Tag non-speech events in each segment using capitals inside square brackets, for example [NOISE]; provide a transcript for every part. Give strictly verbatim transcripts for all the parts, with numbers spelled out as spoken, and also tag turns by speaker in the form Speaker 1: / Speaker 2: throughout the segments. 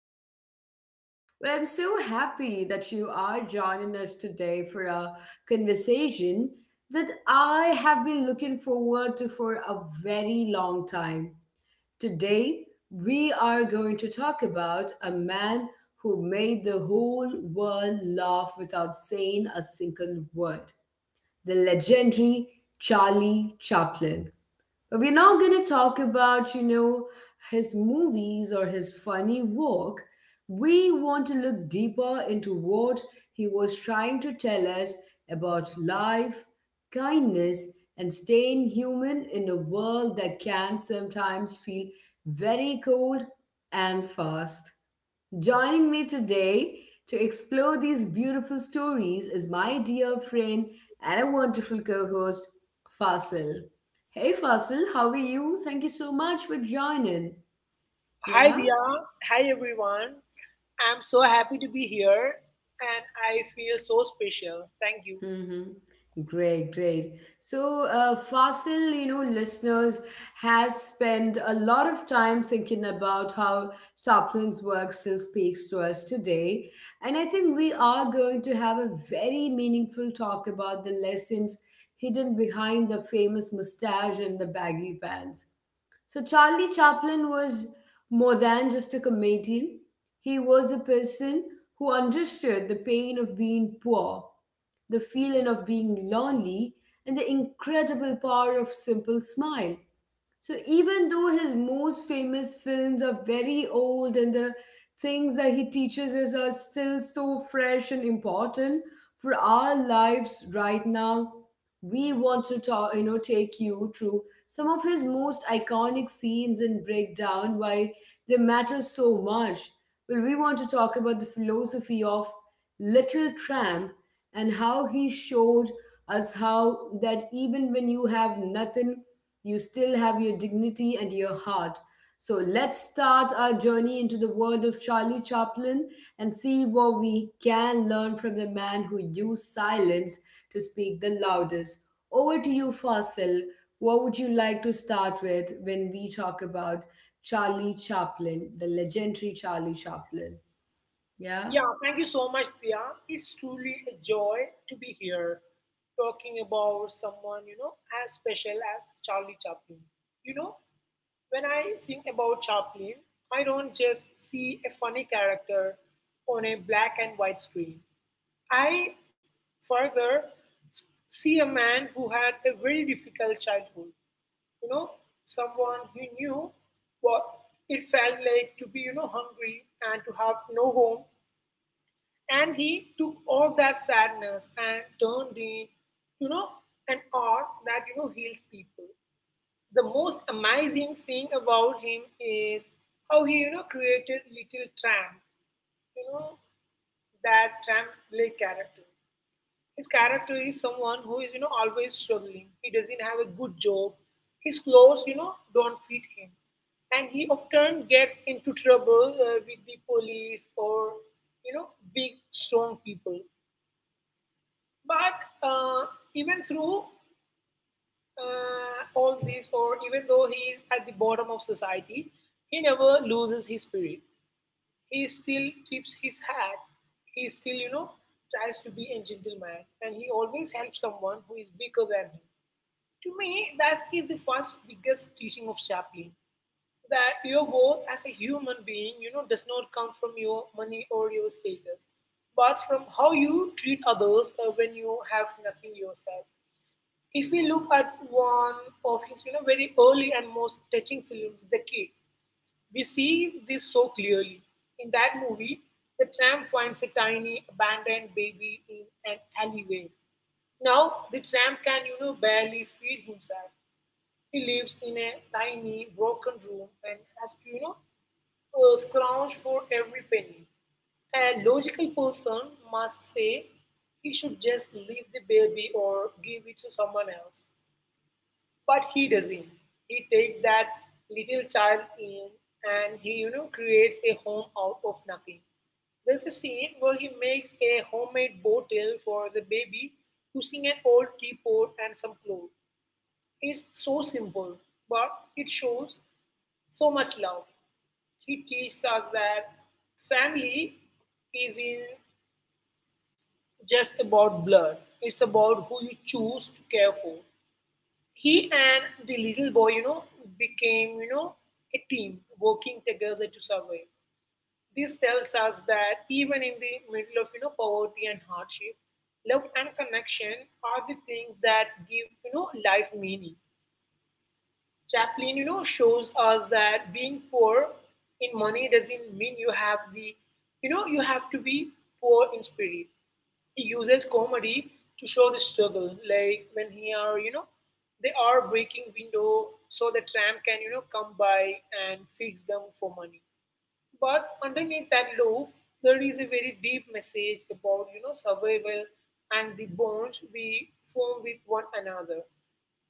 Speaker 1: our podcast. Well, I'm so happy that you are joining us today for a conversation that I have been looking forward to for a very long time. Today, we are going to talk about a man who made the whole world laugh without saying a single word, the legendary Charlie Chaplin. We're not going to talk about, you know, his movies or his funny work. We want to look deeper into what he was trying to tell us about life, kindness, and staying human in a world that can sometimes feel very cold and fast. Joining me today to explore these beautiful stories is my dear friend and a wonderful co host, Fasil. Hey, Fasil, how are you? Thank you so much for joining.
Speaker 2: Hi
Speaker 1: Yeah?
Speaker 2: Dia, hi everyone. I'm so happy to be here and I feel so special. Thank you.
Speaker 1: Mm-hmm. Great, great. So, uh, Fasil, you know, listeners has spent a lot of time thinking about how Chaplin's work still speaks to us today, and I think we are going to have a very meaningful talk about the lessons hidden behind the famous mustache and the baggy pants. So, Charlie Chaplin was more than just a comedian; he was a person who understood the pain of being poor, the feeling of being lonely, and the incredible power of simple smile. So even though his most famous films are very old and the things that he teaches us are still so fresh and important for our lives right now, we want to talk, you know, take you through some of his most iconic scenes and break down why they matter so much. Well, we want to talk about the philosophy of Little Tramp and how he showed us how that even when you have nothing you still have your dignity and your heart. So let's start our journey into the world of Charlie Chaplin and see what we can learn from the man who used silence to speak the loudest. Over to you, Fasil. What would you like to start with when we talk about Charlie Chaplin, the legendary Charlie Chaplin? Yeah?
Speaker 2: Yeah, thank you so much, Dia. It's truly a joy to be here talking about someone, you know, as special as Charlie Chaplin. You know, when I think about Chaplin, I don't just see a funny character on a black and white screen. I further s- see a man who had a very difficult childhood, you know, someone who knew what it felt like to be, you know, hungry and to have no home. And he took all that sadness and turned it, you know, an art that, you know, heals people. The most amazing thing about him is how he, you know, created little tramp, you know, that tramp-like characters. His character is someone who is, you know, always struggling. He doesn't have a good job. His clothes, you know, don't fit him. And he often gets into trouble uh, with the police or, you know, big, strong people. But uh, even through uh, all this, or even though he is at the bottom of society, he never loses his spirit. He still keeps his hat. He still, you know, tries to be a gentleman, and he always helps someone who is weaker than him. To me, that is the first biggest teaching of Chaplin, that your worth as a human being, you know, does not come from your money or your status, but from how you treat others uh, when you have nothing yourself. If we look at one of his, you know, very early and most touching films, The Kid, we see this so clearly. In that movie, the tramp finds a tiny abandoned baby in an alleyway. Now the tramp can, you know, barely feed himself. He lives in a tiny broken room and has to, you know, uh, scrounge for every penny. A logical person must say he should just leave the baby or give it to someone else. But he doesn't. He takes that little child in and he, you know, creates a home out of nothing. There's a scene where he makes a homemade bottle for the baby using an old teapot and some clothes. It's so simple, but it shows so much love. He teaches us that family isn't just about blood, it's about who you choose to care for. He and the little boy, you know, became, you know, a team working together to survive. This tells us that even in the middle of, you know, poverty and hardship, love and connection are the things that give, you know, life meaning. Chaplin, you know, shows us that being poor in money doesn't mean you have the, you know, you have to be poor in spirit. He uses comedy to show the struggle, like when he are, you know, they are breaking window so the tram can, you know, come by and fix them for money. But underneath that loaf, there is a very deep message about you know survival and the bonds we form with one another.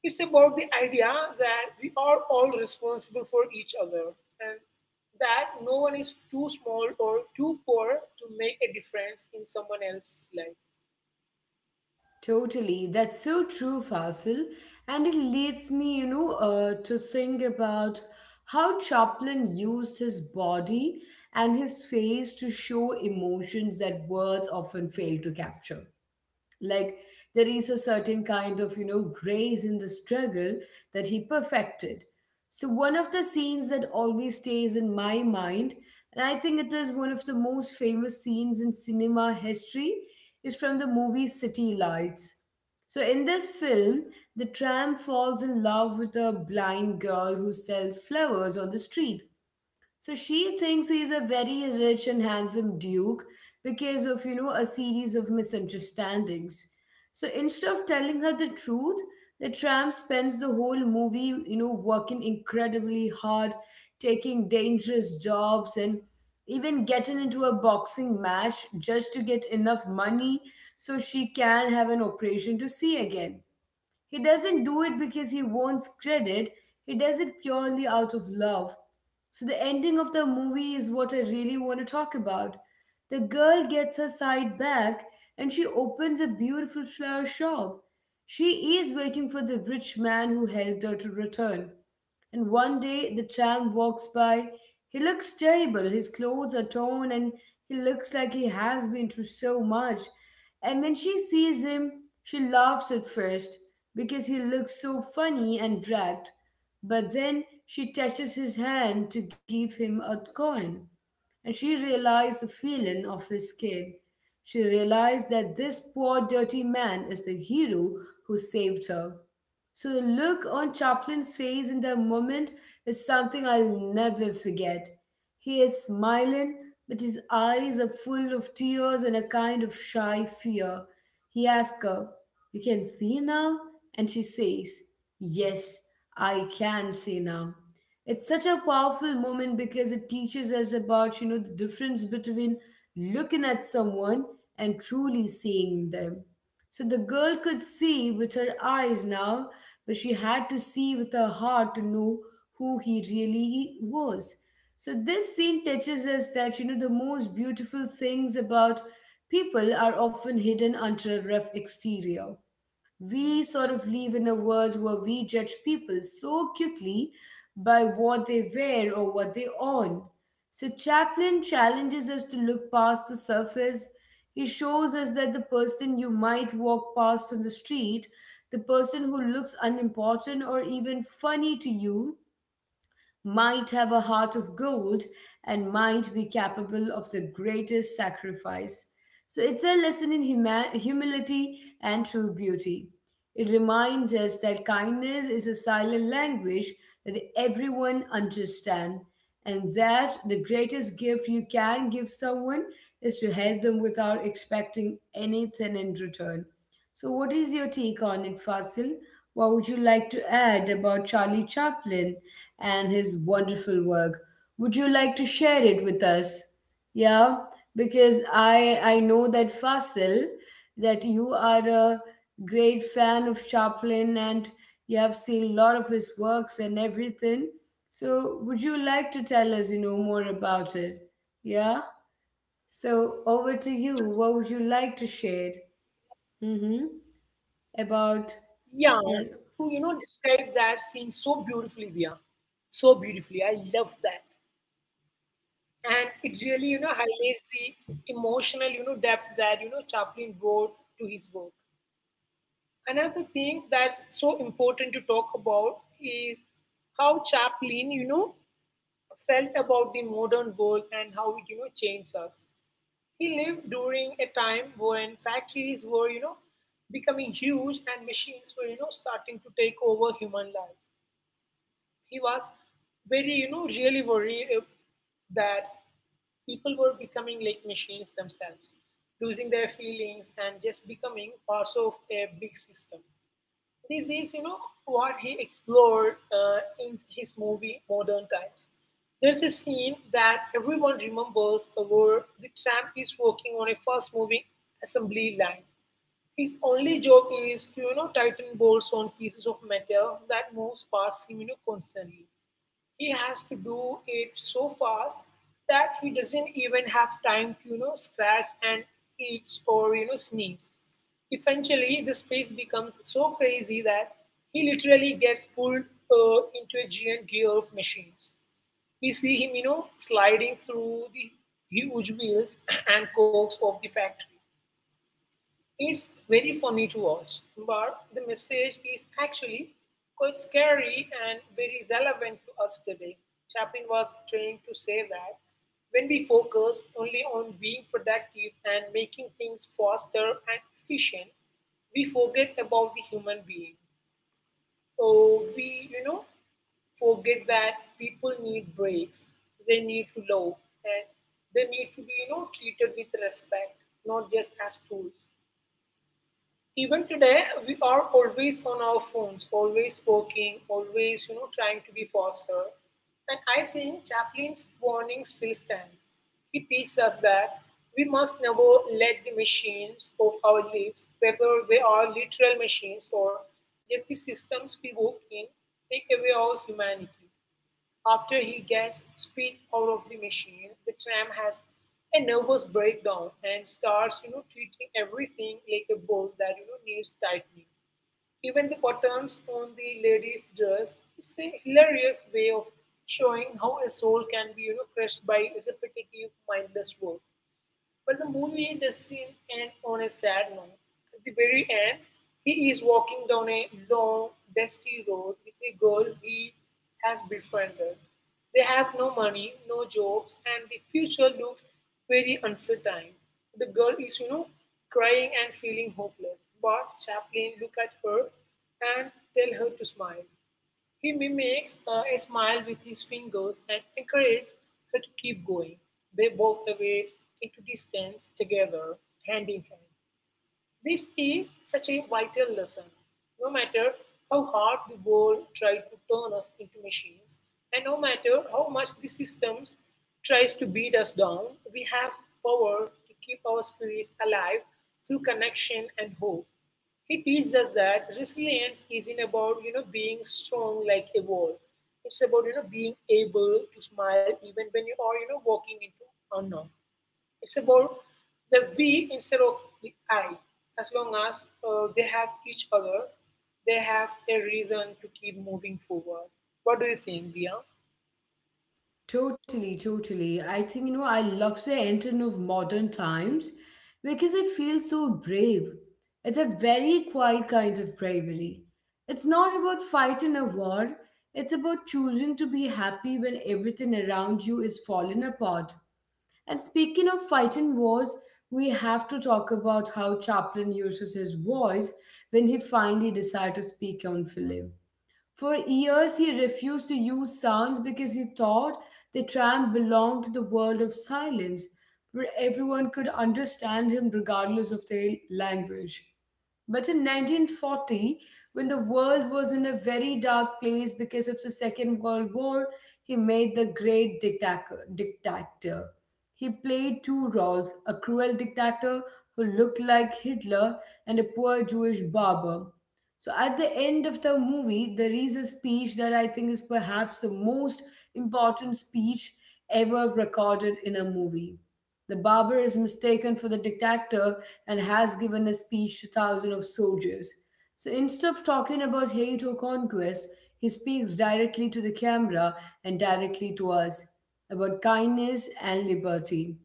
Speaker 2: It's about the idea that we are all responsible for each other and that no one is too small or too poor to make a difference in someone else's life.
Speaker 1: Totally. That's so true, Fasil. And it leads me, you know, uh, to think about how Chaplin used his body and his face to show emotions that words often fail to capture, like there is a certain kind of you know grace in the struggle that he perfected. So one of the scenes that always stays in my mind, and I think it is one of the most famous scenes in cinema history, is from the movie City Lights. So in this film, the tramp falls in love with a blind girl who sells flowers on the street. So she thinks he's a very rich and handsome duke because of, you know, a series of misunderstandings. So instead of telling her the truth, the tramp spends the whole movie, you know, working incredibly hard, taking dangerous jobs, and even getting into a boxing match just to get enough money so she can have an operation to see again. He doesn't do it because he wants credit, he does it purely out of love. So, the ending of the movie is what I really want to talk about. The girl gets her sight back and she opens a beautiful flower shop. She is waiting for the rich man who helped her to return. And one day the tramp walks by. He looks terrible. His clothes are torn and he looks like he has been through so much. And when she sees him, she laughs at first because he looks so funny and dragged. But then she touches his hand to give him a coin. And she realized the feeling of his skin. She realized that this poor dirty man is the hero who saved her. So the look on Chaplin's face in that moment is something I'll never forget. He is smiling, but his eyes are full of tears and a kind of shy fear. He asks her, "You can see now?" And she says, "Yes, I can see now." It's such a powerful moment because it teaches us about, you know, the difference between looking at someone and truly seeing them. So the girl could see with her eyes now, but she had to see with her heart to know who he really was. So this scene teaches us that you know the most beautiful things about people are often hidden under a rough exterior. We sort of live in a world where we judge people so quickly by what they wear or what they own. So Chaplin challenges us to look past the surface. He shows us that the person you might walk past on the street, the person who looks unimportant or even funny to you, might have a heart of gold and might be capable of the greatest sacrifice. So it's a lesson in huma- humility and true beauty. It reminds us that kindness is a silent language that everyone understands, and that the greatest gift you can give someone is to help them without expecting anything in return. So, what is your take on it, Fasil? What would you like to add about Charlie Chaplin and his wonderful work? Would you like to share it with us? Yeah, because I I know that, Fasil, that you are a great fan of Chaplin and you have seen a lot of his works and everything. So, would you like to tell us, you know, more about it? Yeah. So, over to you. What would you like to share? Mm-hmm. about
Speaker 2: Yeah,
Speaker 1: you know,
Speaker 2: who you know described that scene so beautifully, Via. So beautifully. I love that. And it really you know highlights the emotional you know depth that you know Chaplin brought to his work. Another thing that's so important to talk about is how Chaplin you know felt about the modern world and how it you know changed us. He lived during a time when factories were you know becoming huge and machines were you know starting to take over human life. He was very you know really worried uh, that people were becoming like machines themselves, losing their feelings and just becoming parts of a big system. This is you know what he explored uh, in his movie Modern Times. There's a scene that everyone remembers where the tramp is working on a fast moving assembly line. His only job is to you know tighten bolts on pieces of metal that moves past him you know constantly. He has to do it so fast that he doesn't even have time to, you know, scratch and itch or, you know, sneeze. Eventually, the space becomes so crazy that he literally gets pulled uh, into a giant gear of machines. We see him, you know, sliding through the huge wheels [CLEARS THROAT] and cogs of the factory. It's very funny to watch, but the message is actually quite scary and very relevant to us today. Chaplin was trying to say that when we focus only on being productive and making things faster and efficient, we forget about the human being. Or we, you know, forget that people need breaks, they need to love, and they need to be, you know, treated with respect, not just as tools. Even today, we are always on our phones, always working, always, you know, trying to be faster. And I think Chaplin's warning still stands. He teaches us that we must never let the machines of our lives, whether they are literal machines or just the systems we work in, take away our humanity. After he gets speed out of the machine, the tramp has a nervous breakdown and starts you know, treating everything like a bolt that you know, needs tightening. Even the buttons on the lady's dress is a hilarious way of showing how a soul can be you know, crushed by repetitive mindless work. But the movie doesn't end on a sad note. At the very end, he is walking down a long, dusty road with a girl he has befriended. They have no money, no jobs, and the future looks very uncertain. The girl is, you know, crying and feeling hopeless. But Chaplin look at her and tell her to smile. He mimics uh, a smile with his fingers and encourages her to keep going. They walk away into distance together, hand in hand. This is such a vital lesson. No matter how hard the world tries to turn us into machines, and no matter how much the systems tries to beat us down, we have power to keep our spirits alive through connection and hope. He teaches us that resilience isn't about you know being strong like a wall. It's about you know being able to smile even when you are you know walking into unknown. It's about the we instead of the I. As long as uh, they have each other, they have a reason to keep moving forward. What do you think, Dia?
Speaker 1: Totally, totally. I think, you know, I love the entering of modern times because I feel so brave. It's a very quiet kind of bravery. It's not about fighting a war, it's about choosing to be happy when everything around you is falling apart. And speaking of fighting wars, we have to talk about how Chaplin uses his voice when he finally decided to speak on film. For years, he refused to use sounds because he thought the tramp belonged to the world of silence, where everyone could understand him regardless of their language. But in nineteen forty, when the world was in a very dark place because of the Second World War, he made The Great dictator. dictator. He played two roles, a cruel dictator who looked like Hitler and a poor Jewish barber. So at the end of the movie, there is a speech that I think is perhaps the most important speech ever recorded in a movie. The barber is mistaken for the dictator and has given a speech to thousands of soldiers. So instead of talking about hate or conquest, he speaks directly to the camera and directly to us about kindness and liberty.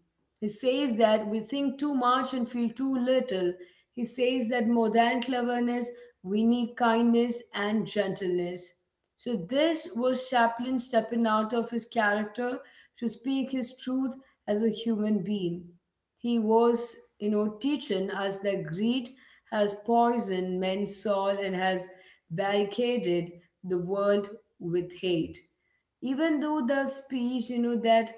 Speaker 1: He says that we think too much and feel too little. He says that more than cleverness, we need kindness and gentleness. So, this was Chaplin stepping out of his character to speak his truth as a human being. He was, you know, teaching us that greed has poisoned men's soul and has barricaded the world with hate. Even though the speech you know that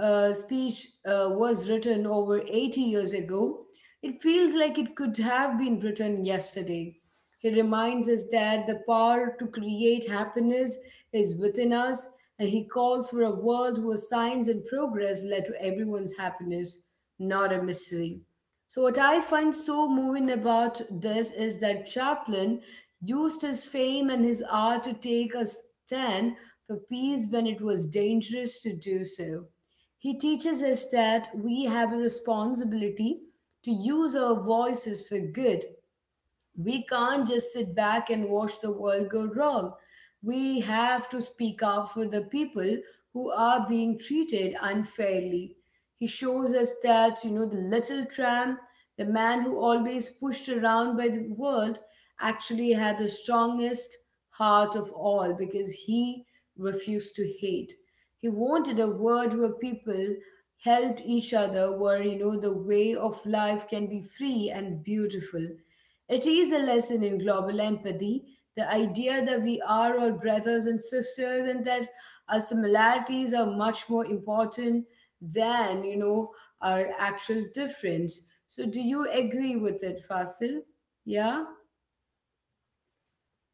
Speaker 1: uh, speech uh, was written over eighty years ago, it feels like it could have been written yesterday. He reminds us that the power to create happiness is within us, and he calls for a world where science and progress led to everyone's happiness, not a mystery. So, what I find so moving about this is that Chaplin used his fame and his art to take a stand for peace when it was dangerous to do so. He teaches us that we have a responsibility to use our voices for good. We can't just sit back and watch the world go wrong. We have to speak up for the people who are being treated unfairly. He shows us that, you know, the little tramp, the man who always pushed around by the world, actually had the strongest heart of all because he refused to hate. He wanted a world where people helped each other, where, you know, the way of life can be free and beautiful. It is a lesson in global empathy, the idea that we are all brothers and sisters and that our similarities are much more important than, you know, our actual difference. So do you agree with it, Fasil? Yeah?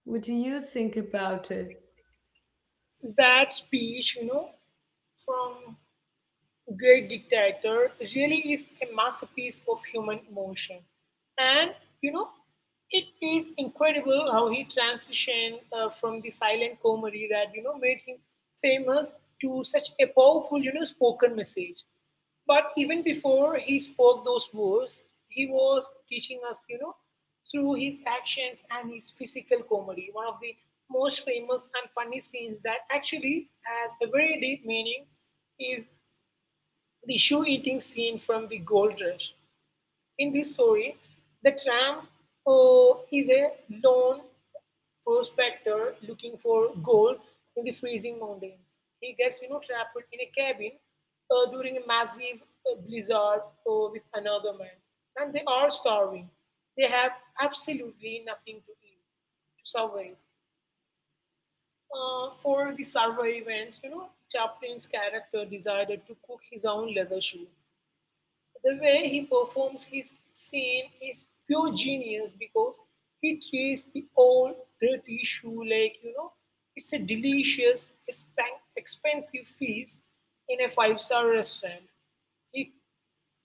Speaker 1: What
Speaker 2: Yeah.
Speaker 1: do you think about it?
Speaker 2: That speech, you know, from Great Dictator really is a masterpiece of human emotion. And, you know, it is incredible how he transitioned uh, from the silent comedy that, you know, made him famous to such a powerful, you know, spoken message. But even before he spoke those words, he was teaching us, you know, through his actions and his physical comedy. One of the most famous and funny scenes that actually has a very deep meaning is the shoe eating scene from The Gold Rush. In this story, the tramp uh, is a lone prospector looking for gold in the freezing mountains. He gets you know trapped in a cabin uh, during a massive uh, blizzard uh, with another man, and they are starving. They have absolutely nothing to eat to survive. Uh, for the survivance, you know, Chaplin's character decided to cook his own leather shoe. The way he performs his scene is pure genius because he treats the old dirty shoe like, you know, it's a delicious, expensive feast in a five star restaurant. He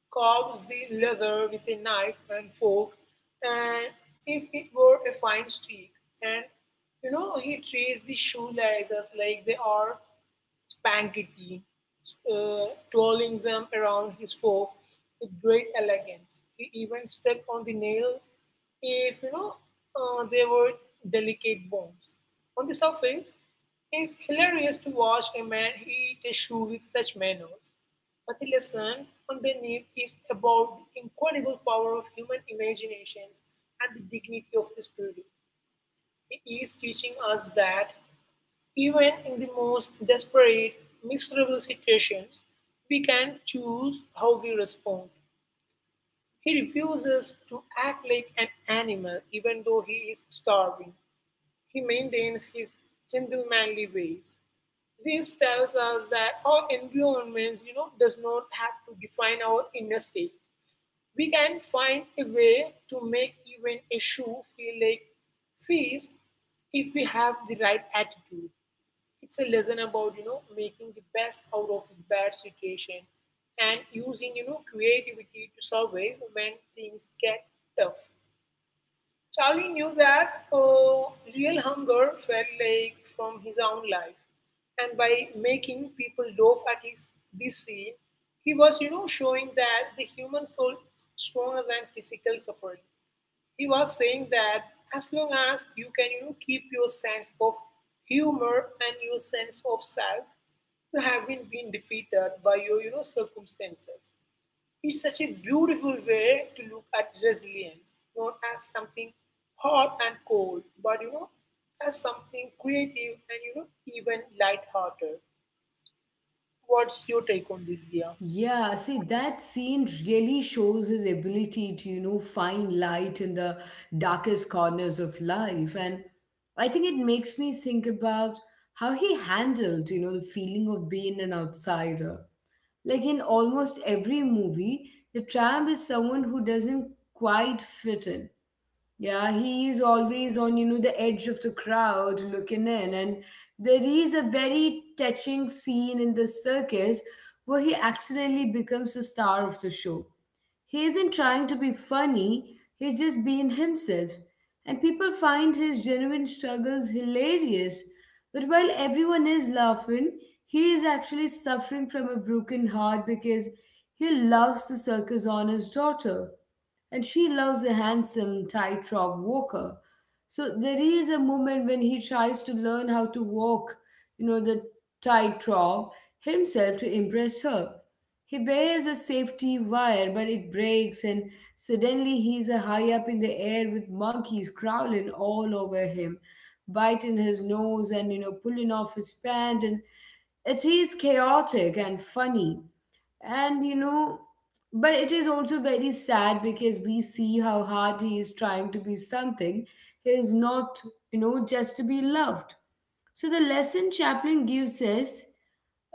Speaker 2: carves the leather with a knife and fork and if it were a fine steak, and you know he treats the shoe laces like they are spaghetti, uh, twirling them around his fork with great elegance. He even stuck on the nails if you know uh, they were delicate bones. On the surface, it's hilarious to watch a man eat a shoe with such manners. But the lesson underneath is about the incredible power of human imaginations and the dignity of the spirit. It is teaching us that even in the most desperate, miserable situations, we can choose how we respond. He refuses to act like an animal even though he is starving. He maintains his gentlemanly ways. This tells us that our environments, you know, does not have to define our inner state. We can find a way to make even a shoe feel like feast if we have the right attitude. It's a lesson about you know making the best out of the bad situation and using you know creativity to survive when things get tough. Charlie knew that uh, real hunger felt like from his own life, and by making people laugh at his this scene, he was, you know, showing that the human soul is stronger than physical suffering. He was saying that as long as you can, you know, keep your sense of humor and your sense of self, you have been been defeated by your, you know, circumstances is such a beautiful way to look at resilience, not as something hard and cold, but you know, as something creative and you know, even light-hearted. What's your take on this, Dia?
Speaker 1: Yeah, see, that scene really shows his ability to, you know, find light in the darkest corners of life. And I think it makes me think about how he handled, you know, the feeling of being an outsider. Like in almost every movie, the tramp is someone who doesn't quite fit in. Yeah, he is always on, you know, the edge of the crowd looking in. And there is a very touching scene in The Circus where he accidentally becomes the star of the show. He isn't trying to be funny, he's just being himself. And people find his genuine struggles hilarious. But while everyone is laughing, he is actually suffering from a broken heart because he loves the circus on his daughter and she loves a handsome tightrope walker. So there is a moment when he tries to learn how to walk, you know, the tightrope himself to impress her. He wears a safety wire, but it breaks, and suddenly he's a high up in the air with monkeys crawling all over him, biting his nose and you know pulling off his pant. And it is chaotic and funny and you know, but it is also very sad because we see how hard he is trying to be something. He is not, you know, just to be loved. So the lesson Chaplin gives us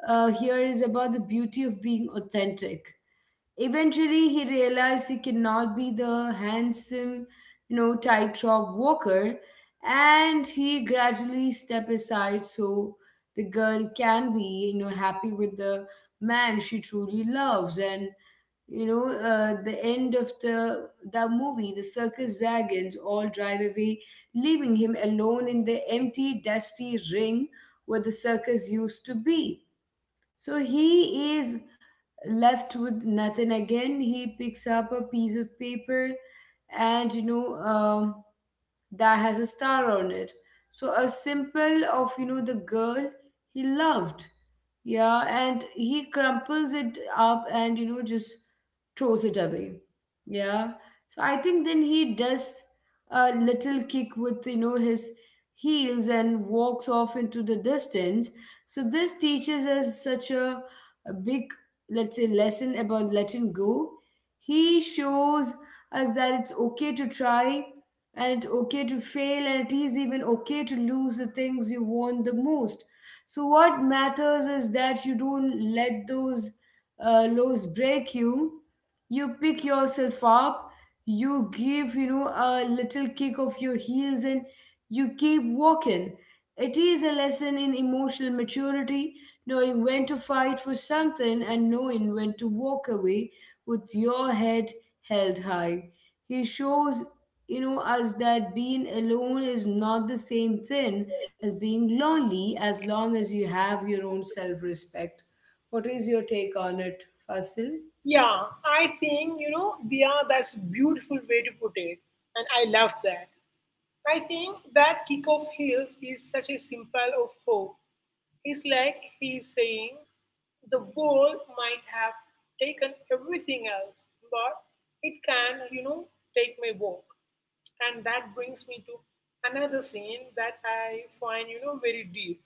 Speaker 1: uh, here is about the beauty of being authentic. Eventually, he realized he could not be the handsome, you know, tightrope walker, and he gradually stepped aside so the girl can be, you know, happy with the man she truly loves. And you know, uh, the end of the the movie, the circus wagons all drive away, leaving him alone in the empty, dusty ring where the circus used to be. So he is left with nothing again. He picks up a piece of paper and, you know, um, that has a star on it. So a simple of you know the girl he loved. Yeah, and he crumples it up and you know just throws it away. Yeah. So I think then he does a little kick with you know his heels and walks off into the distance. So this teaches us such a, a big, let's say, lesson about letting go. He shows us that it's okay to try and it's okay to fail and it is even okay to lose the things you want the most, so what matters is that you don't let those uh, lows break you. You pick yourself up, you give, you know a little kick of your heels, and you keep walking. It is a lesson in emotional maturity, knowing when to fight for something and knowing when to walk away with your head held high. He shows, you know us that being alone is not the same thing as being lonely, as long as you have your own self respect. What is your take on it, Fasil?
Speaker 2: Yeah, I think you know, Dia, that's a beautiful way to put it, and I love that. I think that kick off heels is such a symbol of hope. It's like he's saying, the world might have taken everything else, but it can, you know, take my walk. And that brings me to another scene that I find, you know, very deep,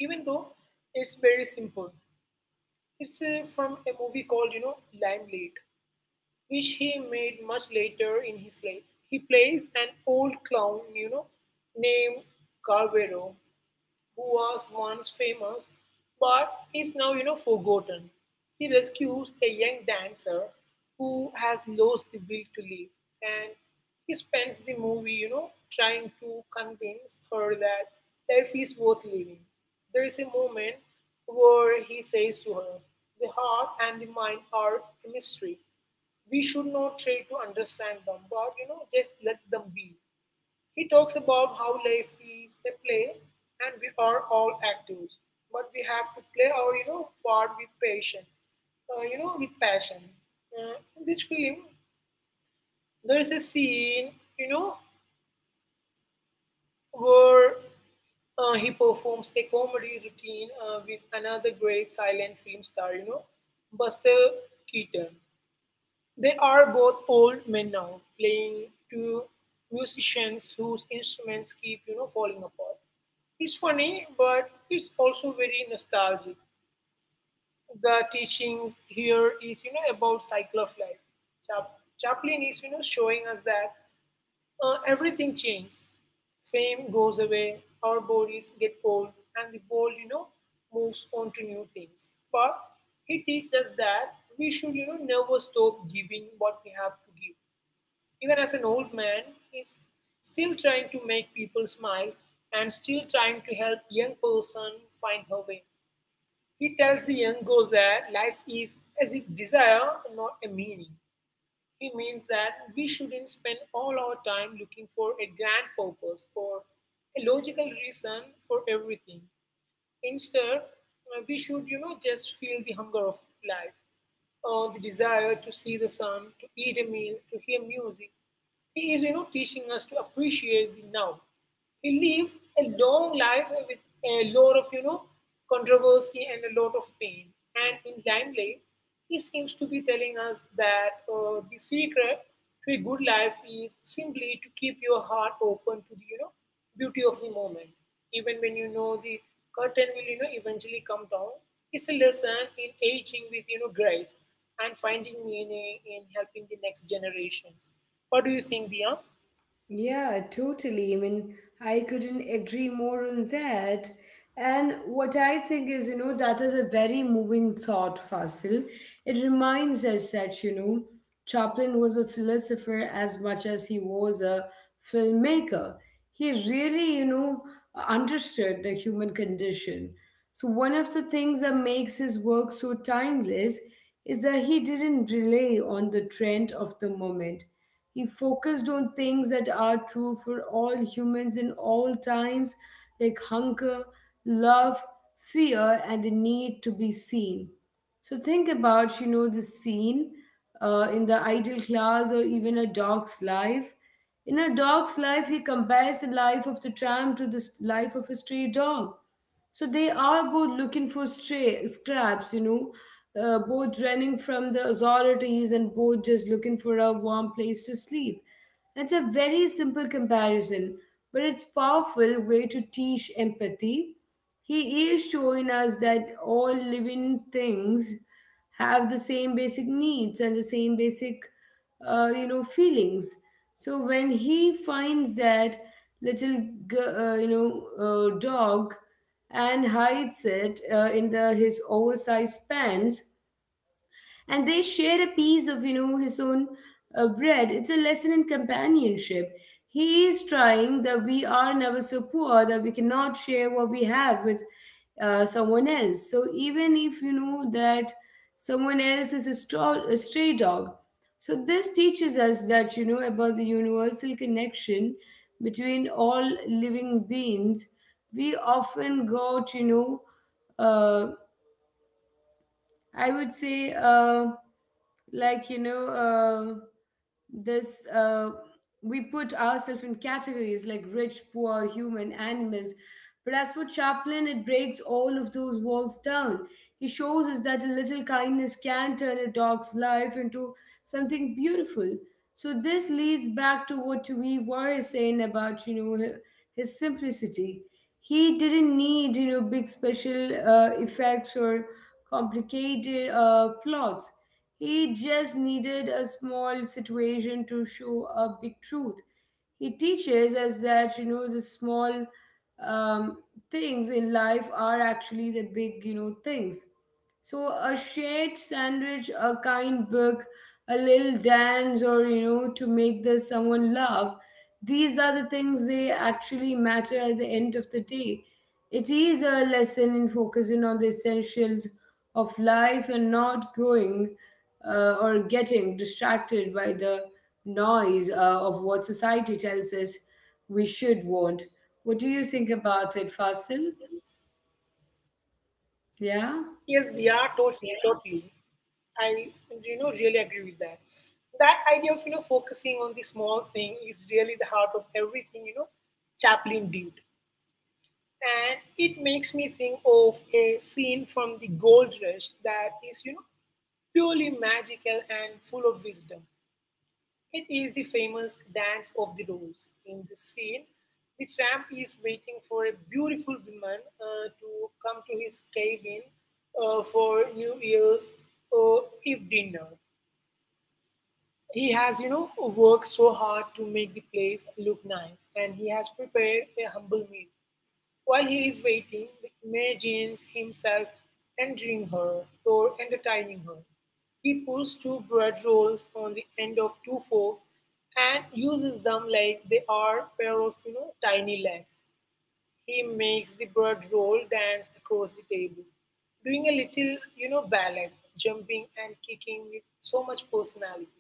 Speaker 2: even though it's very simple. It's uh, from a movie called, you know, Limelight, which he made much later in his life. He plays an old clown, you know, named Carvero, who was once famous but is now you know forgotten. He rescues a young dancer who has lost the will to live, and he spends the movie you know trying to convince her that life is worth living. There is a moment where he says to her, the heart and the mind are a mystery. We should not try to understand them, but you know, just let them be. He talks about how life is a play and we are all actors, but we have to play our you know part with passion, uh, you know with passion. Uh, in this film, there is a scene you know where uh, he performs a comedy routine uh, with another great silent film star, you know, Buster Keaton. They are both old men now, playing to musicians whose instruments keep you know falling apart. It's funny, but it's also very nostalgic. The teachings here is you know about cycle of life. Chap- Chaplin is you know showing us that uh, everything changes. Fame goes away, our bodies get old, and the world you know moves on to new things. But he teaches us that we should you know never stop giving what we have to give. Even as an old man, he's still trying to make people smile and still trying to help young person find her way. He tells the young girl that life is as a desire, not a meaning. He means that we shouldn't spend all our time looking for a grand purpose or a logical reason for everything. Instead, uh, we should, you know, just feel the hunger of life, or the desire to see the sun, to eat a meal, to hear music. He is, you know, teaching us to appreciate the now. He lived a long life with a lot of, you know, controversy and a lot of pain. And in Limelight, he seems to be telling us that uh, the secret to a good life is simply to keep your heart open to the you know beauty of the moment, even when you know the curtain will you know eventually come down. It's a lesson in aging with you know grace and finding meaning in helping the next generations. What do you think, Dia?
Speaker 1: Yeah, totally. I mean, I couldn't agree more on that. And what I think is, you know, that is a very moving thought, Fasil. It reminds us that, you know, Chaplin was a philosopher as much as he was a filmmaker. He really, you know, understood the human condition. So, one of the things that makes his work so timeless is that he didn't rely on the trend of the moment. He focused on things that are true for all humans in all times, like hunger, love, fear, and the need to be seen. So think about, you know, the scene uh, in the ideal class or even a dog's life. In a dog's life, he compares the life of the tramp to the s- life of a stray dog. So they are both looking for stray scraps, you know, uh, both running from the authorities and both just looking for a warm place to sleep. It's a very simple comparison, but it's powerful way to teach empathy. He is showing us that all living things have the same basic needs and the same basic uh, you know feelings. So when he finds that little g- uh, you know uh, dog and hides it uh, in the his oversized pants and they share a piece of you know his own uh, bread, it's a lesson in companionship. He is trying that we are never so poor that we cannot share what we have with uh, someone else, so even if you know that someone else is a, straw, a stray dog. So this teaches us that you know about the universal connection between all living beings. We often got you know uh, I would say, uh, like, you know, uh, this, uh, we put ourselves in categories like rich, poor, human, animals. But as for Chaplin, it breaks all of those walls down. He shows us that a little kindness can turn a dog's life into something beautiful. So this leads back to what we were saying about, you know, his simplicity. He didn't need, you know big special uh, effects or complicated uh, plots. He just needed a small situation to show a big truth. He teaches us that you know the small um, things in life are actually the big, you know things. So a shared sandwich, a kind book, a little dance, or you know to make the someone laugh, these are the things they actually matter at the end of the day. It is a lesson in focusing on the essentials of life and not going uh, or getting distracted by the noise uh, of what society tells us we should want. What do you think about it, Fasil? Yeah,
Speaker 2: Yes, Dia, totally, totally. I you know really agree with that. That idea of you know focusing on the small thing is really the heart of everything you know Chaplin did, and it makes me think of a scene from the Gold Rush that is you know purely magical and full of wisdom. It is the famous dance of the rose. In the scene, the tramp is waiting for a beautiful woman uh, to come to his cabin uh, for New Year's uh, Eve dinner. He has, you know, worked so hard to make the place look nice, and he has prepared a humble meal. While he is waiting, imagines himself entering her or entertaining her. He puts two bread rolls on the end of two forks and uses them like they are pair of, you know, tiny legs. He makes the bread roll dance across the table, doing a little, you know, ballet, jumping and kicking with so much personality.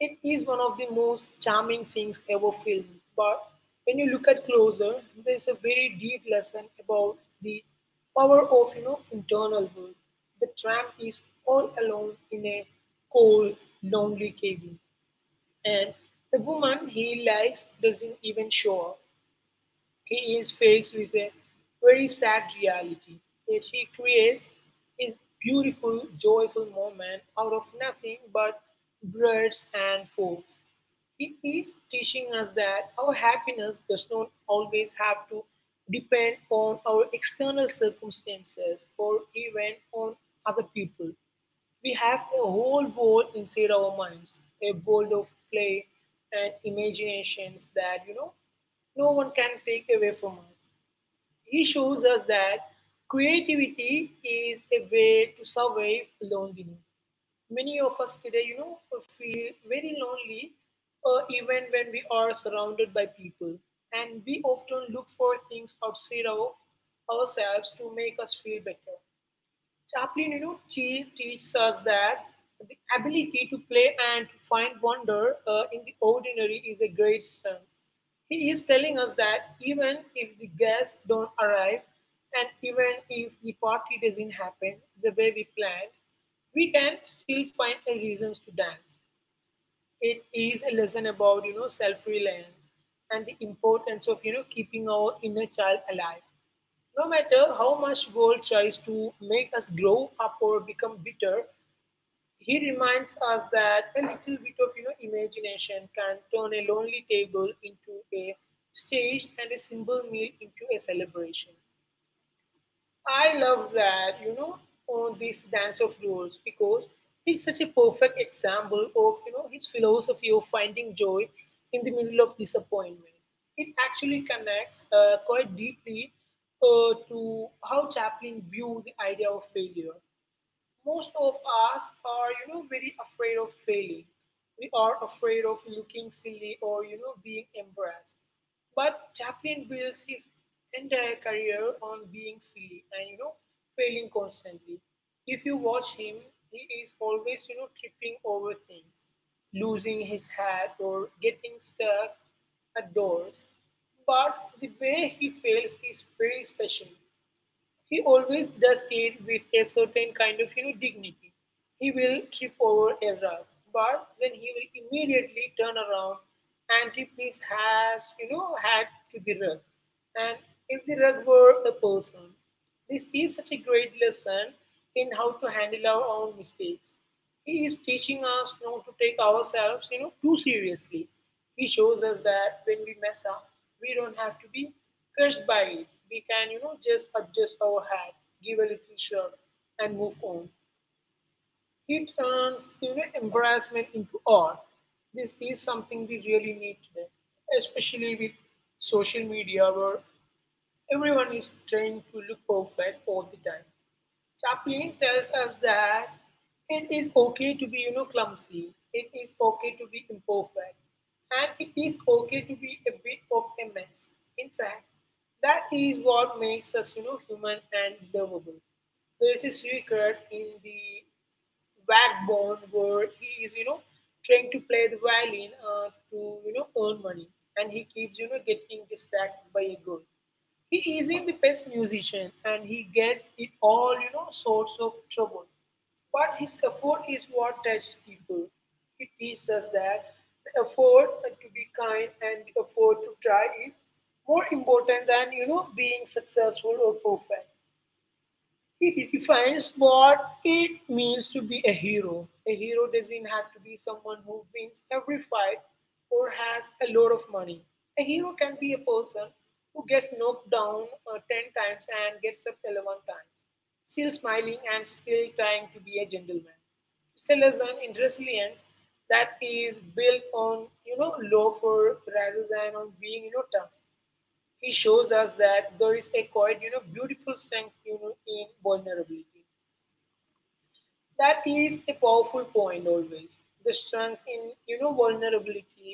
Speaker 2: It is one of the most charming things ever filmed, but when you look at closer, there is a very deep lesson about the power of you know internal work. The tramp is all alone in a cold, lonely cabin, and the woman he likes doesn't even show up. He is faced with a very sad reality that he creates his beautiful, joyful moment out of nothing but breads and forks. He is teaching us that our happiness does not always have to depend on our external circumstances or even on other people. We have a whole world inside our minds, a world of play and imaginations that, you know, no one can take away from us. He shows us that creativity is a way to survive loneliness. Many of us today, you know, feel very lonely uh, even when we are surrounded by people. And we often look for things outside our, ourselves to make us feel better. Chaplin, you know, Chi teaches us that the ability to play and to find wonder uh, in the ordinary is a great strength. He is telling us that even if the guests don't arrive and even if the party doesn't happen the way we planned, we can still find a reasons to dance. It is a lesson about you know self-reliance and the importance of you know keeping our inner child alive no matter how much world tries to make us grow up or become bitter. He reminds us that a little bit of you know imagination can turn a lonely table into a stage and a simple meal into a celebration. I love that, you know, on this dance of rules because he's such a perfect example of, you know, his philosophy of finding joy in the middle of disappointment. It actually connects uh, quite deeply uh, to how Chaplin viewed the idea of failure. Most of us are you know very afraid of failing. We are afraid of looking silly or you know being embarrassed, but chaplin builds his entire career on being silly and you know failing constantly. If you watch him, he is always you know tripping over things, losing his hat or getting stuck at doors. But the way he fails is very special. He always does it with a certain kind of you know dignity. He will trip over a rug, but then he will immediately turn around and tip his has you know hat to the rug. And if the rug were a person, this is such a great lesson in how to handle our own mistakes. He is teaching us not to take ourselves, you know, too seriously. He shows us that when we mess up, we don't have to be crushed by it. We can, you know, just adjust our hat, give a little shove, and move on. He turns, you know, embarrassment into art. This is something we really need today, especially with social media where everyone is trying to look perfect all the time. Chaplin tells us that it is okay to be you know clumsy, it is okay to be imperfect, and it is okay to be a bit of a mess. In fact, that is what makes us you know human and lovable. There is a secret in the backbone where he is you know trying to play the violin uh, to you know earn money, and he keeps you know getting distracted by a girl. He isn't the best musician and he gets in all you know sorts of trouble, but his effort is what touches people. He teaches us that the effort to be kind and the effort to try is more important than you know being successful or perfect. It defines what it means to be a hero. A hero doesn't have to be someone who wins every fight or has a lot of money. A hero can be a person who gets knocked down uh, ten times and gets up eleven times, still smiling and still trying to be a gentleman. It's a lesson in resilience that is built on, you know, love for rather than on being, you know, tough. He shows us that there is a quite you know beautiful strength you know in vulnerability. That is a powerful point always. The strength in you know vulnerability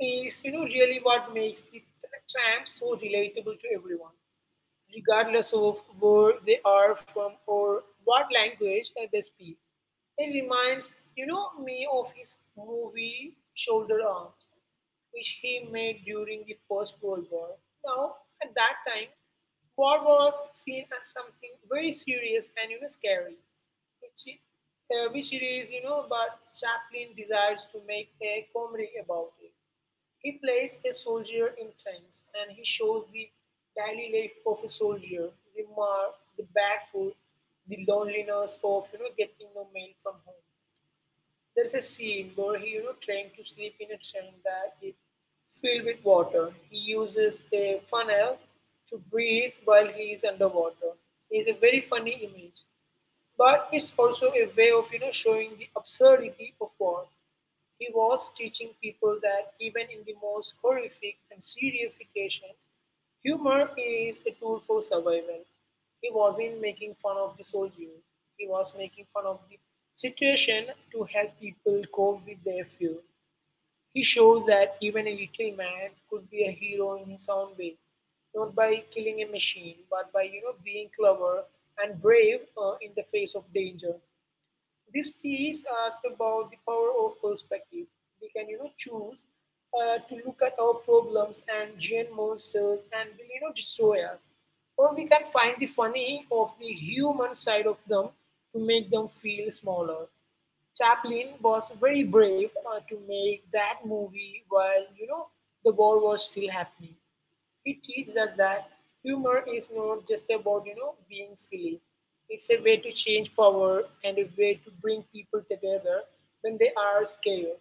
Speaker 2: is you know really what makes the tramp so relatable to everyone regardless of where they are from or what language they speak. It reminds, you know, me of his movie Shoulder Arms, which he made during the First World War. Now, at that time, war was seen as something very serious and you know scary, which it, uh, which it is, you know, but Chaplin desires to make a comedy about it. He plays a soldier in Trends, and he shows the daily life of a soldier, the mark, the bad food, the loneliness of you know getting no mail from home. There's a scene where he you know trying to sleep in a train that is filled with water. He uses a funnel to breathe while he is underwater. It's a very funny image, but it's also a way of you know showing the absurdity of war. He was teaching people that even in the most horrific and serious situations, humor is a tool for survival. He wasn't making fun of the soldiers. He was making fun of the situation to help people cope with their fear. He showed that even a little man could be a hero in his own way, not by killing a machine, but by you know being clever and brave uh, in the face of danger. This piece asks about the power of perspective. We can, you know, choose uh, to look at our problems and giant monsters and will, you know, destroy us. Or we can find the funny of the human side of them to make them feel smaller. Chaplin was very brave uh, to make that movie while you know the war was still happening. It teaches us that humor is not just about you know being silly. It's a way to change power and a way to bring people together when they are scared.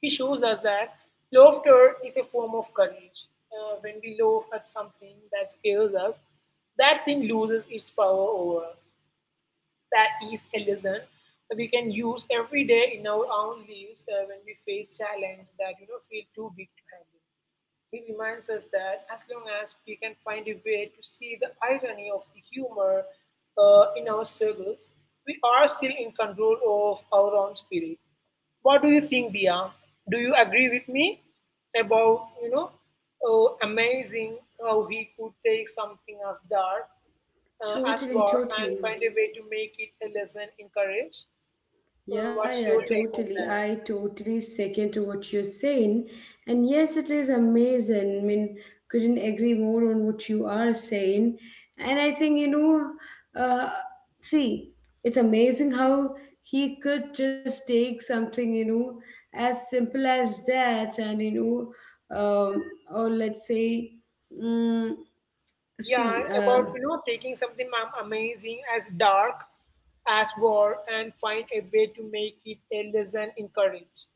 Speaker 2: He shows us that laughter is a form of courage. Uh, when we laugh at something that scares us, that thing loses its power over us. That is a lesson we can use every day in our own lives uh, when we face challenge that you know feel too big to handle. It reminds us that as long as we can find a way to see the irony of the humor uh, in our struggles, we are still in control of our own spirit. What do you think, Dia? Do you agree with me about you know, oh, amazing how he could take something as dark uh, as
Speaker 1: totally,
Speaker 2: war and
Speaker 1: totally.
Speaker 2: find a way to make it a lesson in courage? Uh,
Speaker 1: Yeah,
Speaker 2: what's
Speaker 1: yeah,
Speaker 2: your take on
Speaker 1: totally.
Speaker 2: that?
Speaker 1: I totally second to what you're saying. And yes, it is amazing. I mean, couldn't agree more on what you are saying. And I think, you know, uh, see, it's amazing how he could just take something, you know, as simple as that. And, you know, um, or let's say, mm,
Speaker 2: Yeah,
Speaker 1: see, uh,
Speaker 2: about you know taking something am- amazing as dark as war and find a way to make it a lesson in courage.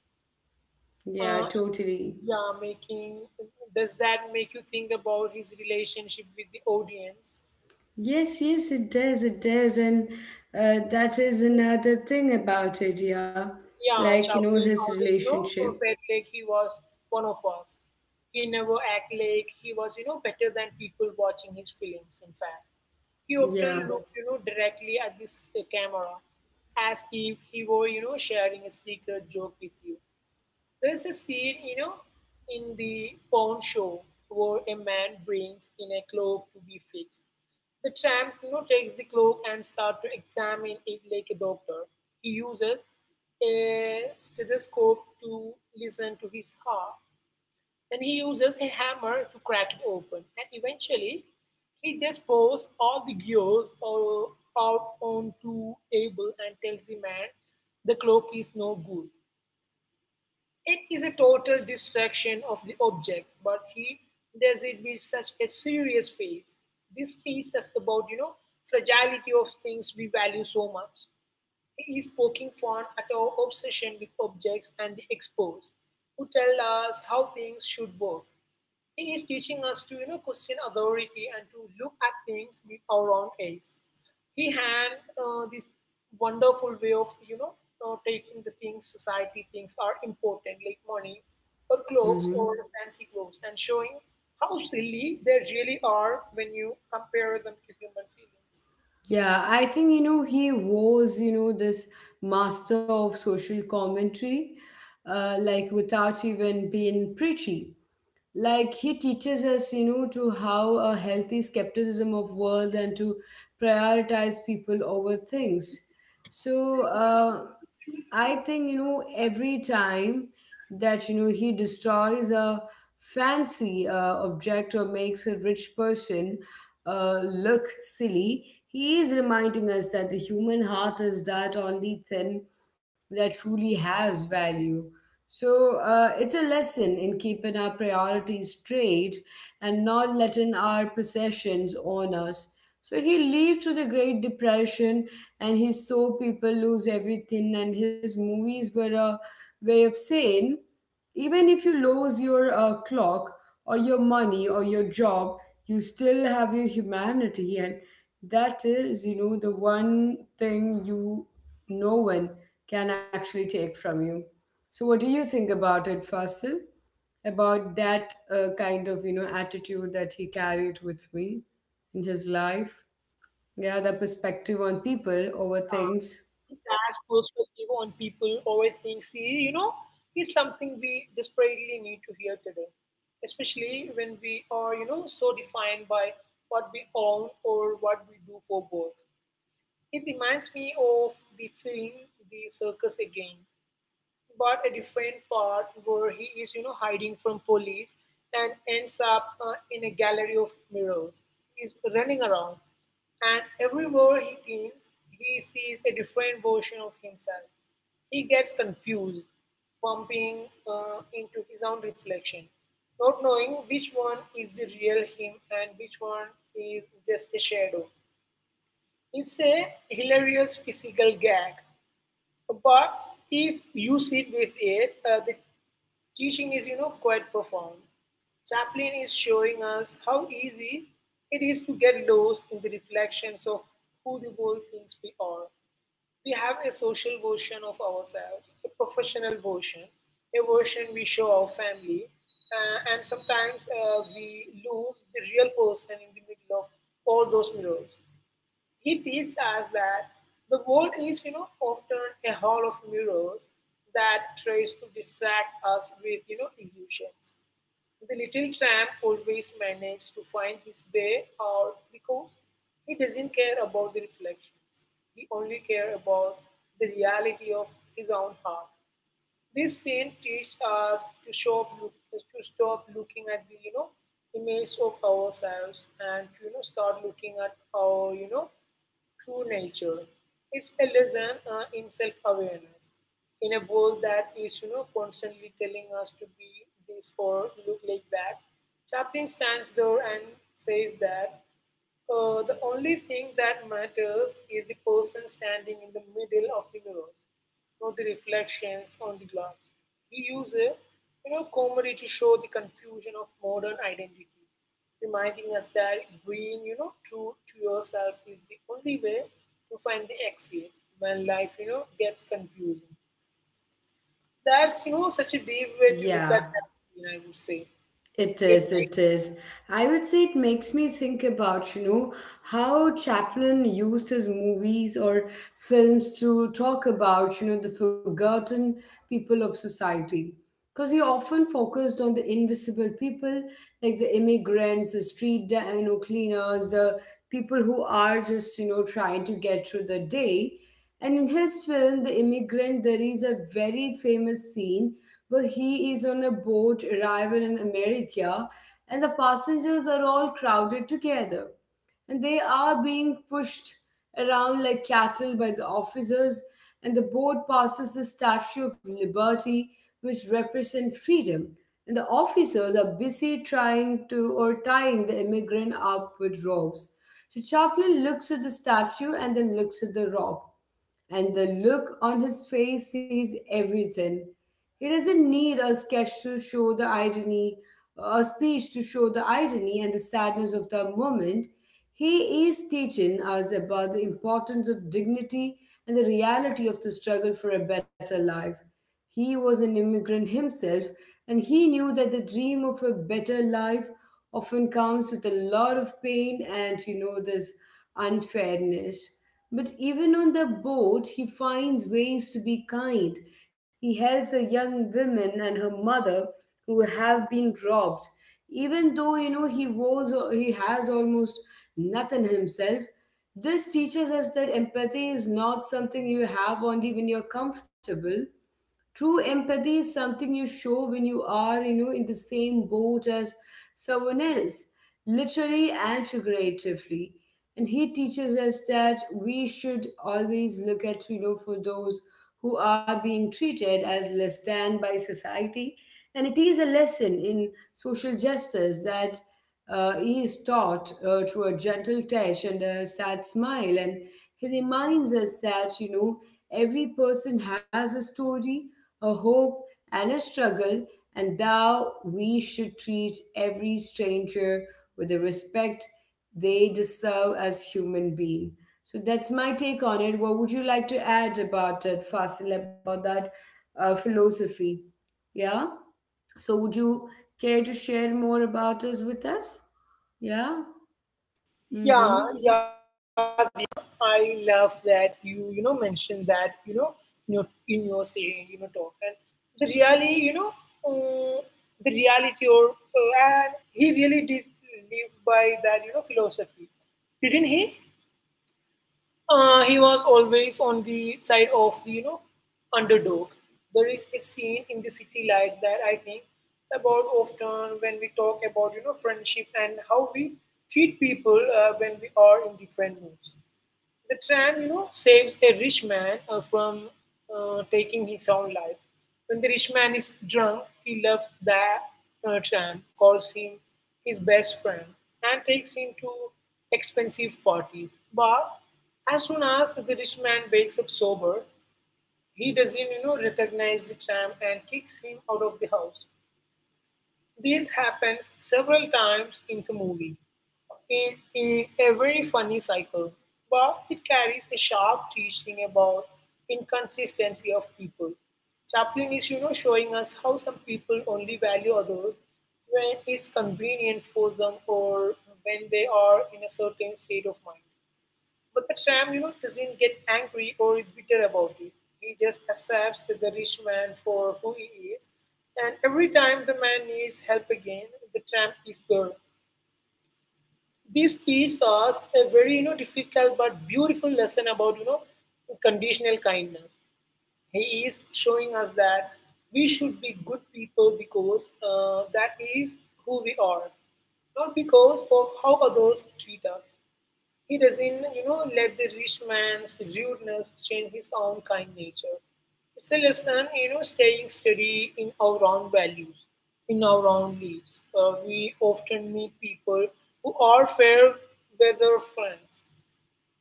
Speaker 1: yeah,
Speaker 2: Uh,
Speaker 1: totally.
Speaker 2: yeah, making does that make you think about his relationship with the audience?
Speaker 1: Yes, yes, it does, it does. And uh, that is another thing about it, yeah.
Speaker 2: Yeah,
Speaker 1: Like, you know,
Speaker 2: Chaudhary
Speaker 1: his
Speaker 2: always, you know,
Speaker 1: relationship.
Speaker 2: felt like he was one of us. He never acted like he was, you know, better than people watching his films, in fact. He
Speaker 1: Yeah.
Speaker 2: often looked, you know, directly at this uh, camera as if he were, you know, sharing a secret joke with you. There's a scene, you know, in the pawn show where a man brings in a cloak to be fixed. The tramp you know, takes the cloak and starts to examine it like a doctor. He uses a stethoscope to listen to his heart. Then he uses a hammer to crack it open. And eventually, he just pours all the gears out onto table and tells the man the cloak is no good. It is a total distraction of the object, but he does it with such a serious face. This piece is about, you know, fragility of things we value so much. He is poking fun at our obsession with objects and the experts who tell us how things should work. It is teaching us to you know question authority and to look at things with our own eyes. He had uh, this wonderful way of you know uh, taking the things society thinks are important, like money or clothes
Speaker 1: Mm-hmm.
Speaker 2: or fancy clothes, and showing how silly they really are when you compare them to human feelings.
Speaker 1: Yeah, I think, you know, he was, you know, this master of social commentary, uh, like without even being preachy. Like he teaches us, you know to how a healthy skepticism of world and to prioritize people over things. So, uh, I think, you know every time that you know he destroys a fancy uh, object or makes a rich person uh, look silly, he is reminding us that the human heart is that only thing that truly has value. So, uh, it's a lesson in keeping our priorities straight and not letting our possessions own us. So he lived through the Great Depression and he saw people lose everything, and his movies were a way of saying, even if you lose your uh, clock or your money or your job, you still have your humanity, and that is, you know, the one thing you no one can actually take from you. So, what do you think about it, Fasil? About that uh, kind of, you know attitude that he carried with me in his life? Yeah, the perspective on people over
Speaker 2: That's
Speaker 1: things.
Speaker 2: perspective on people overthink, see, you know, is something we desperately need to hear today, especially when we are, you know, so defined by what we own or what we do for work. It reminds me of the film The Circus Again, but a different part where he is you know hiding from police and ends up uh, in a gallery of mirrors. He's running around, and everywhere he thinks he sees a different version of himself. He gets confused, bumping uh, into his own reflection, not knowing which one is the real him and which one is just a shadow. It's a hilarious physical gag, but if you sit with it, uh, the teaching is, you know, quite profound. Chaplin is showing us how easy it is to get lost in the reflections of who the world thinks we are. We have a social version of ourselves, a professional version, a version we show our family, uh, and sometimes uh, we lose the real person in the middle of all those mirrors. He teaches us that the world is you know often a hall of mirrors that tries to distract us with you know illusions. The little tramp always manages to find his way out because he doesn't care about the reflections. He only cares about the reality of his own heart. This scene teaches us to stop, look, to stop looking at the you know image of ourselves and to you know start looking at our you know true nature. It's a lesson uh, in self-awareness in a world that is you know constantly telling us to be this or look like that. Chaplin stands there and says that uh, the only thing that matters is the person standing in the middle of the mirrors, not the reflections on the glass. We use a you know, comedy to show the confusion of modern identity, reminding us that being you know true to yourself is the only way to find the exit when life you know gets confusing. That's you know such a deep way to look at
Speaker 1: Yeah,
Speaker 2: that scene. I would say
Speaker 1: it
Speaker 2: it.
Speaker 1: is. It is. I would say it makes me think about, you know how Chaplin used his movies or films to talk about, you know the forgotten people of society, because he often focused on the invisible people like the immigrants, the street da- you know cleaners, the people who are just, you know trying to get through the day. And in his film, The Immigrant, there is a very famous scene where he is on a boat arriving in America, and the passengers are all crowded together and they are being pushed around like cattle by the officers, and the boat passes the Statue of Liberty, which represent freedom. And the officers are busy trying to or tying the immigrant up with ropes. So Chaplin looks at the statue and then looks at the rope and the look on his face says everything. He doesn't need a sketch to show the irony, a speech to show the irony and the sadness of the moment. He is teaching us about the importance of dignity and the reality of the struggle for a better life. He was an immigrant himself, and he knew that the dream of a better life often comes with a lot of pain and, you know, this unfairness. But even on the boat, he finds ways to be kind. He helps a young woman and her mother who have been robbed. Even though, you know he was he has almost nothing himself, this teaches us that empathy is not something you have only when you're comfortable. True empathy is something you show when you are, you know, in the same boat as someone else, literally and figuratively. And he teaches us that we should always look at, you know, for those who are being treated as less than by society. And it is a lesson in social justice that uh, he is taught uh, through a gentle touch and a sad smile. And he reminds us that, you know, every person has a story, a hope, and a struggle, and thou we should treat every stranger with the respect they deserve as human being. So that's my take on it. What would you like to add about it, Fasil, about that uh, philosophy? Yeah. So would you care to share more about us with us? Yeah.
Speaker 2: Yeah,
Speaker 1: Mm-hmm.
Speaker 2: yeah, Diya. I love that you, you know, mentioned that, you know, in your, in your saying, you know, talk. And the reality, you know, uh, the reality or, uh, and he really did live by that, you know, philosophy. Didn't he? Uh, he was always on the side of the you know underdog. There is a scene in the city lights that I think about often when we talk about you know friendship and how we treat people uh, when we are in different moods. The tram, you know, saves a rich man uh, from uh, taking his own life. When the rich man is drunk, he loves that uh, tram, calls him his best friend, and takes him to expensive parties. But as soon as the rich man wakes up sober, he doesn't, you know, recognize the tram and kicks him out of the house. This happens several times in the movie, in, in a very funny cycle, but it carries a sharp teaching about inconsistency of people. Chaplin is, you know, showing us how some people only value others when it's convenient for them or when they are in a certain state of mind. But the tramp you know, doesn't get angry or bitter about it. He just accepts the rich man for who he is. And every time the man needs help again, the tramp is there. This teaches us a very you know, difficult but beautiful lesson about you know conditional kindness. He is showing us that we should be good people because uh, that is who we are, not because of how others treat us. He doesn't, you know, let the rich man's rudeness change his own kind nature. It's a lesson, you know, staying steady in our own values, in our own lives. Uh, we often meet people who are fair weather friends,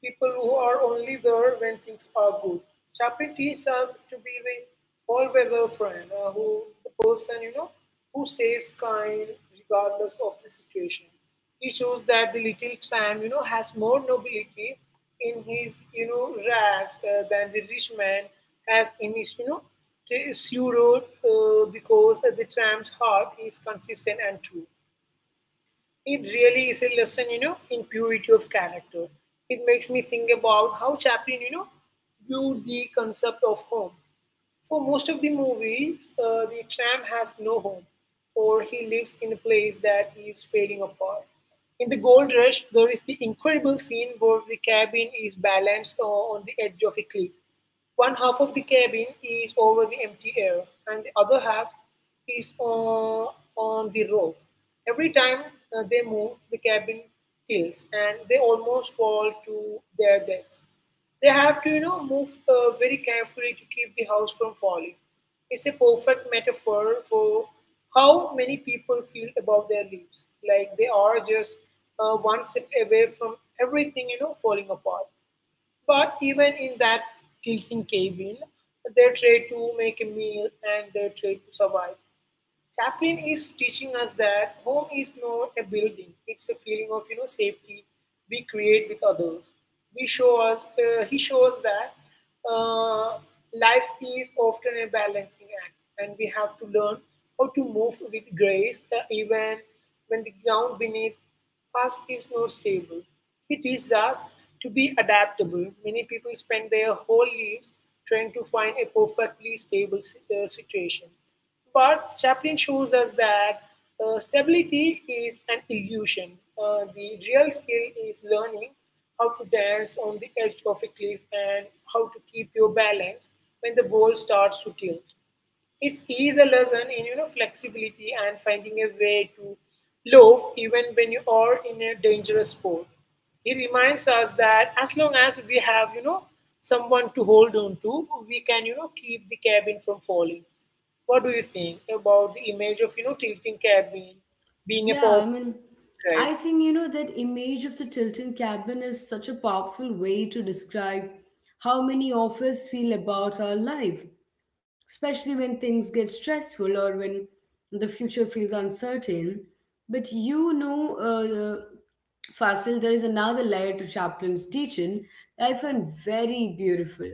Speaker 2: people who are only there when things are good. Chapin teaches us to be the all-weather friend, uh, who the person you know who stays kind regardless of the situation. He shows that the little tramp you know has more nobility in his you know rags uh, than the rich man has in his you know t- pseudo uh, because the tramp's heart is consistent and true. It really is a lesson, you know, in purity of character. It makes me think about how Chaplin, you know, viewed the concept of home. For most of the movies, uh, the tramp has no home, or he lives in a place that is fading apart. In The Gold Rush, there is the incredible scene where the cabin is balanced uh, on the edge of a cliff. One half of the cabin is over the empty air, and the other half is uh, on the rope. Every time uh, they move, the cabin tilts, and they almost fall to their deaths. They have to, you know, move uh, very carefully to keep the house from falling. It's a perfect metaphor for how many people feel about their lives, like they are just uh, one step away from everything, you know, falling apart. But even in that tilting cabin, they try to make a meal and they try to survive. Chaplin is teaching us that home is not a building, it's a feeling of you know safety we create with others. We show us, uh, he shows that uh, life is often a balancing act, and we have to learn how to move with grace uh, even when the ground beneath us is not stable. He teaches us to be adaptable. Many people spend their whole lives trying to find a perfectly stable si- uh, situation, but Chaplin shows us that uh, stability is an illusion. Uh, the real skill is learning how to dance on the edge of a cliff and how to keep your balance when the world starts to tilt. It is a lesson in you know flexibility and finding a way to love even when you are in a dangerous sport. It reminds us that as long as we have you know someone to hold on to, we can you know keep the cabin from falling. What do you think about the image of you know tilting cabin being a
Speaker 1: Yeah, I
Speaker 2: powerful
Speaker 1: mean,
Speaker 2: tribe?
Speaker 1: I think you know that image of the Tilton cabin is such a powerful way to describe how many of us feel about our life, especially when things get stressful or when the future feels uncertain. But you know, uh, Fasil, there is another layer to Chaplin's teaching that I find very beautiful,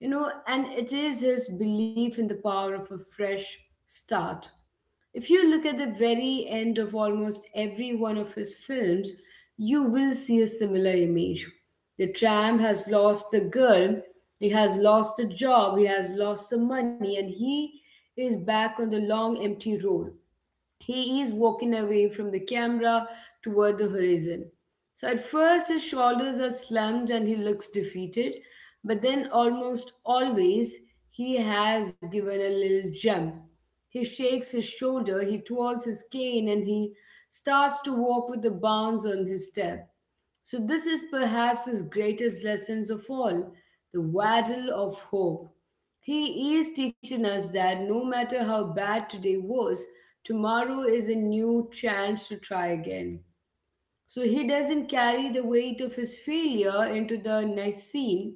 Speaker 1: you know, and it is his belief in the power of a fresh start. If you look at the very end of almost every one of his films, you will see a similar image. The tramp has lost the girl, he has lost the job, he has lost the money, and he is back on the long empty road. He is walking away from the camera toward the horizon. So at first, his shoulders are slumped and he looks defeated, but then almost always he has given a little jump. He shakes his shoulder, he twirls his cane, and he starts to walk with a bounce on his step. So, this is perhaps his greatest lessons of all the waddle of hope. He is teaching us that no matter how bad today was, tomorrow is a new chance to try again. So he doesn't carry the weight of his failure into the next scene.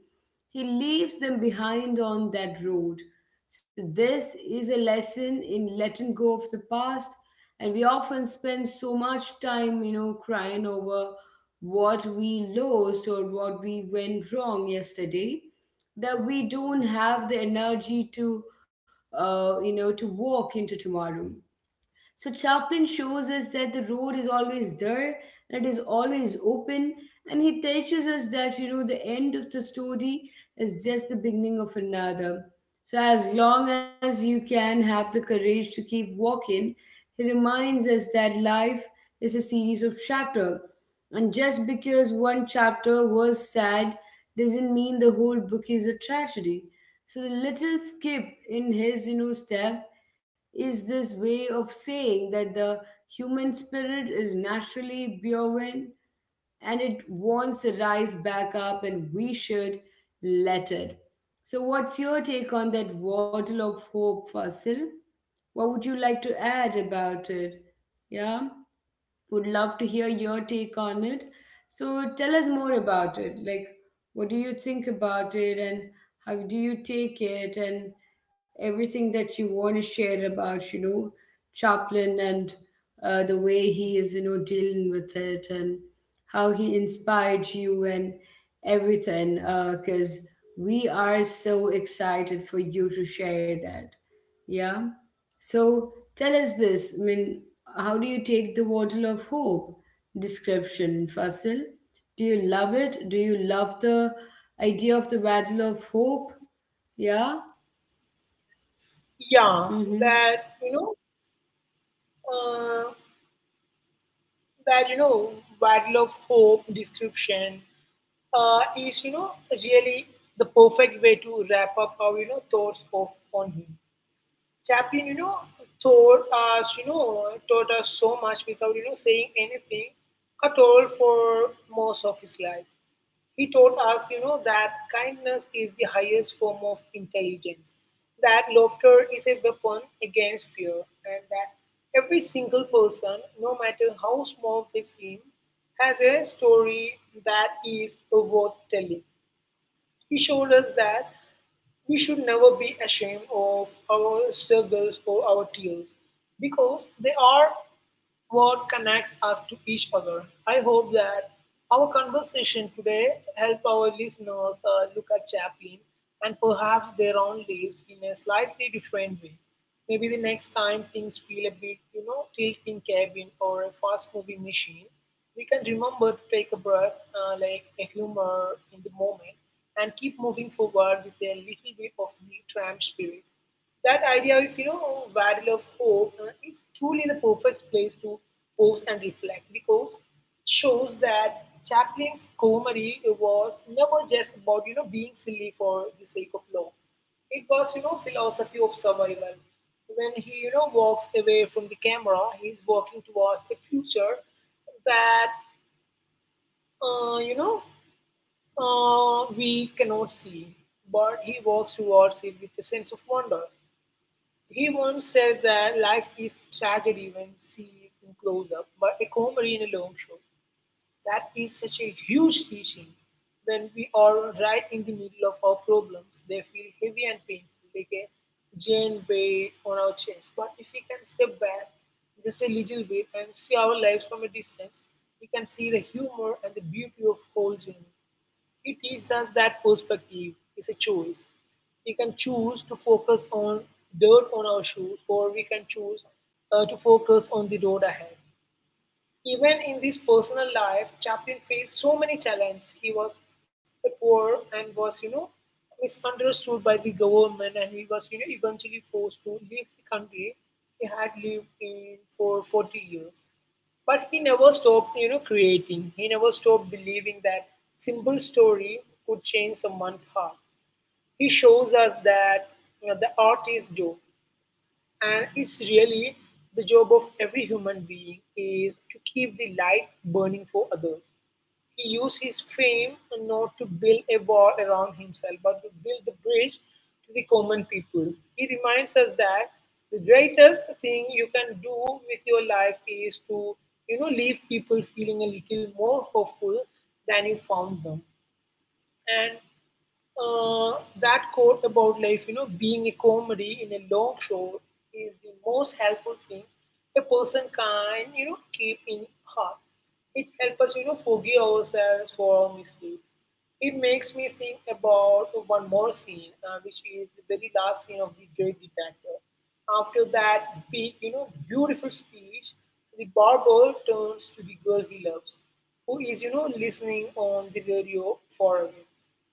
Speaker 1: He leaves them behind on that road. So this is a lesson in letting go of the past. And we often spend so much time, you know, crying over what we lost or what we went wrong yesterday that we don't have the energy to, uh, you know, to walk into tomorrow. So Chaplin shows us that the road is always there and it is always open, and he teaches us that you know the end of the story is just the beginning of another. So as long as you can have the courage to keep walking, he reminds us that life is a series of chapters. And just because one chapter was sad doesn't mean the whole book is a tragedy. So the little skip in his you know step is this way of saying that the human spirit is naturally bovine and it wants to rise back up and we should let it. So, what's your take on that waddle of hope, Fasil? What would you like to add about it? Yeah? Would love to hear your take on it. So tell us more about it. Like, what do you think about it and how do you take it and everything that you want to share about, you know, Chaplin and uh, the way he is, you know, dealing with it and how he inspired you and everything. Because we are so excited for you to share that. Yeah. So tell us this. I mean, how do you take the bottle of hope? Description Fasil. Do you love it? Do you love the idea of the battle of hope? Yeah?
Speaker 2: Yeah,
Speaker 1: Mm-hmm.
Speaker 2: that you know uh, that you know battle of hope description uh, is you know really the perfect way to wrap up our you know thoughts of on him. Chaplin, you know, taught us you know taught us so much without you know saying anything at all for most of his life. He taught us, you know, that kindness is the highest form of intelligence, that laughter is a weapon against fear, and that every single person, no matter how small they seem, has a story that is worth telling. He showed us that we should never be ashamed of our struggles or our tears because they are what connects us to each other. I hope that our conversation today help our listeners uh, look at Chaplin and perhaps their own lives in a slightly different way. Maybe the next time things feel a bit, you know, tilting cabin or a fast moving machine, we can remember to take a breath, uh, like a humor in the moment, and keep moving forward with a little bit of new tramp spirit. That idea of, you know, Waddle of Hope uh, is truly the perfect place to pause and reflect because it shows that Chaplin's comedy was never just about, you know, being silly for the sake of love. It was, you know, philosophy of survival. When he, you know, walks away from the camera, he's walking towards a future that, uh, you know, uh, we cannot see, but he walks towards it with a sense of wonder. He once said that life is tragedy when seen in close up, but a comedy in a long shot. That is such a huge teaching. When we are right in the middle of our problems, they feel heavy and painful, like a giant weight on our chest. But if we can step back just a little bit and see our lives from a distance, we can see the humor and the beauty of whole journey. It teaches us that perspective is a choice. We can choose to focus on dirt on our shoes, or we can choose uh, to focus on the road ahead. Even in his personal life, Chaplin faced so many challenges. He was poor and was, you know, misunderstood by the government, and he was, you know, eventually forced to leave the country he had lived in for forty years. But he never stopped, you know, creating. He never stopped believing that simple story could change someone's heart. He shows us that you know, the art is joy and it's really the job of every human being is to keep the light burning for others. He used his fame not to build a wall around himself but to build the bridge to the common people. He reminds us that the greatest thing you can do with your life is to you know leave people feeling a little more hopeful than you found them. And uh, that quote about life, you know, being a comedy in a long show is the most helpful thing a person can, you know, keep in heart. It helps us, you know, forgive ourselves for our mistakes. It makes me think about one more scene, uh, which is the very last scene of the Great Detective. After that big, you know, beautiful speech, the barber turns to the girl he loves, who is, you know, listening on the radio for him.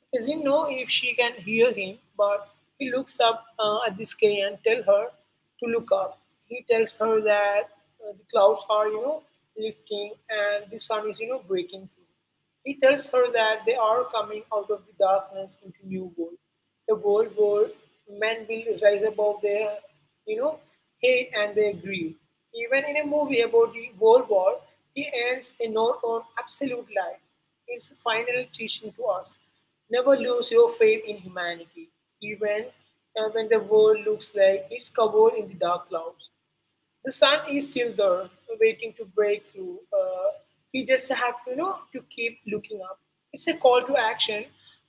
Speaker 2: He doesn't know if she can hear him, but he looks up uh, at the sky and tell her to look up. He tells her that uh, the clouds are, you know, lifting and the sun is, you know, breaking through. He tells her that they are coming out of the darkness into new world, a world where men will rise above their, you know, hate and their greed. Even in a movie about the World War, he ends a note on absolute life. It's a final teaching to us. Never lose your faith in humanity, even uh, when the world looks like it's covered in the dark clouds. The sun is still there, waiting to break through. Uh, we just have to, you know, to keep looking up. It's a call to action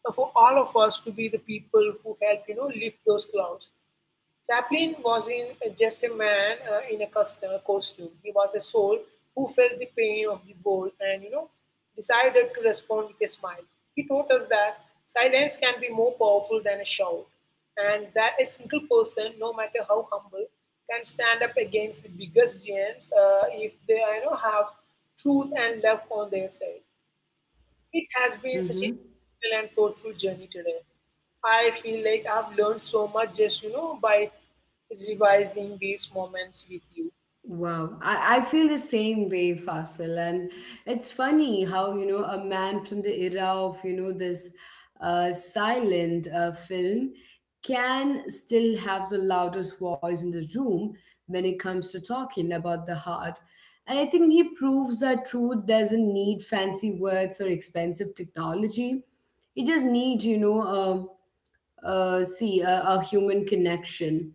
Speaker 2: uh, for all of us to be the people who help, you know, lift those clouds. Chaplin was in just a man uh, in a custom- costume. He was a soul who felt the pain of the ball and you know decided to respond with a smile. He taught us that silence can be more powerful than a shout, and that a single person, no matter how humble, can stand up against the biggest giants uh, if they you know have truth and love on their side. It has been such
Speaker 1: Mm-hmm.
Speaker 2: a beautiful and thoughtful journey today. I feel like I've learned so much just, you know, by revising these moments with you.
Speaker 1: Wow, I, I feel the same way, Fasil. And it's funny how, you know, a man from the era of, you know, this uh, silent uh, film can still have the loudest voice in the room when it comes to talking about the heart. And I think he proves that truth doesn't need fancy words or expensive technology. It just needs, you know, um, uh, see a, a human connection.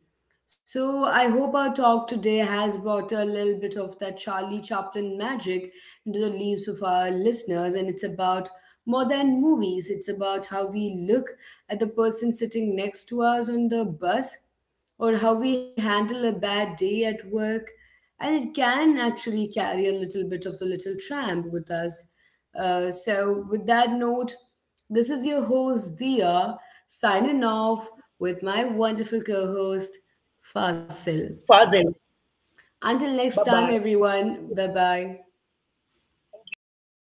Speaker 1: So I hope our talk today has brought a little bit of that Charlie Chaplin magic into the lives of our listeners, and it's about more than movies. It's about how we look at the person sitting next to us on the bus, or how we handle a bad day at work. And it can actually carry a little bit of the little tramp with us. Uh, so, with that note, this is your host Dia signing off with my wonderful co-host Fasil.
Speaker 2: Fazel,
Speaker 1: Until next
Speaker 2: bye-bye.
Speaker 1: time everyone, bye-bye.
Speaker 2: Thank you. Thank you,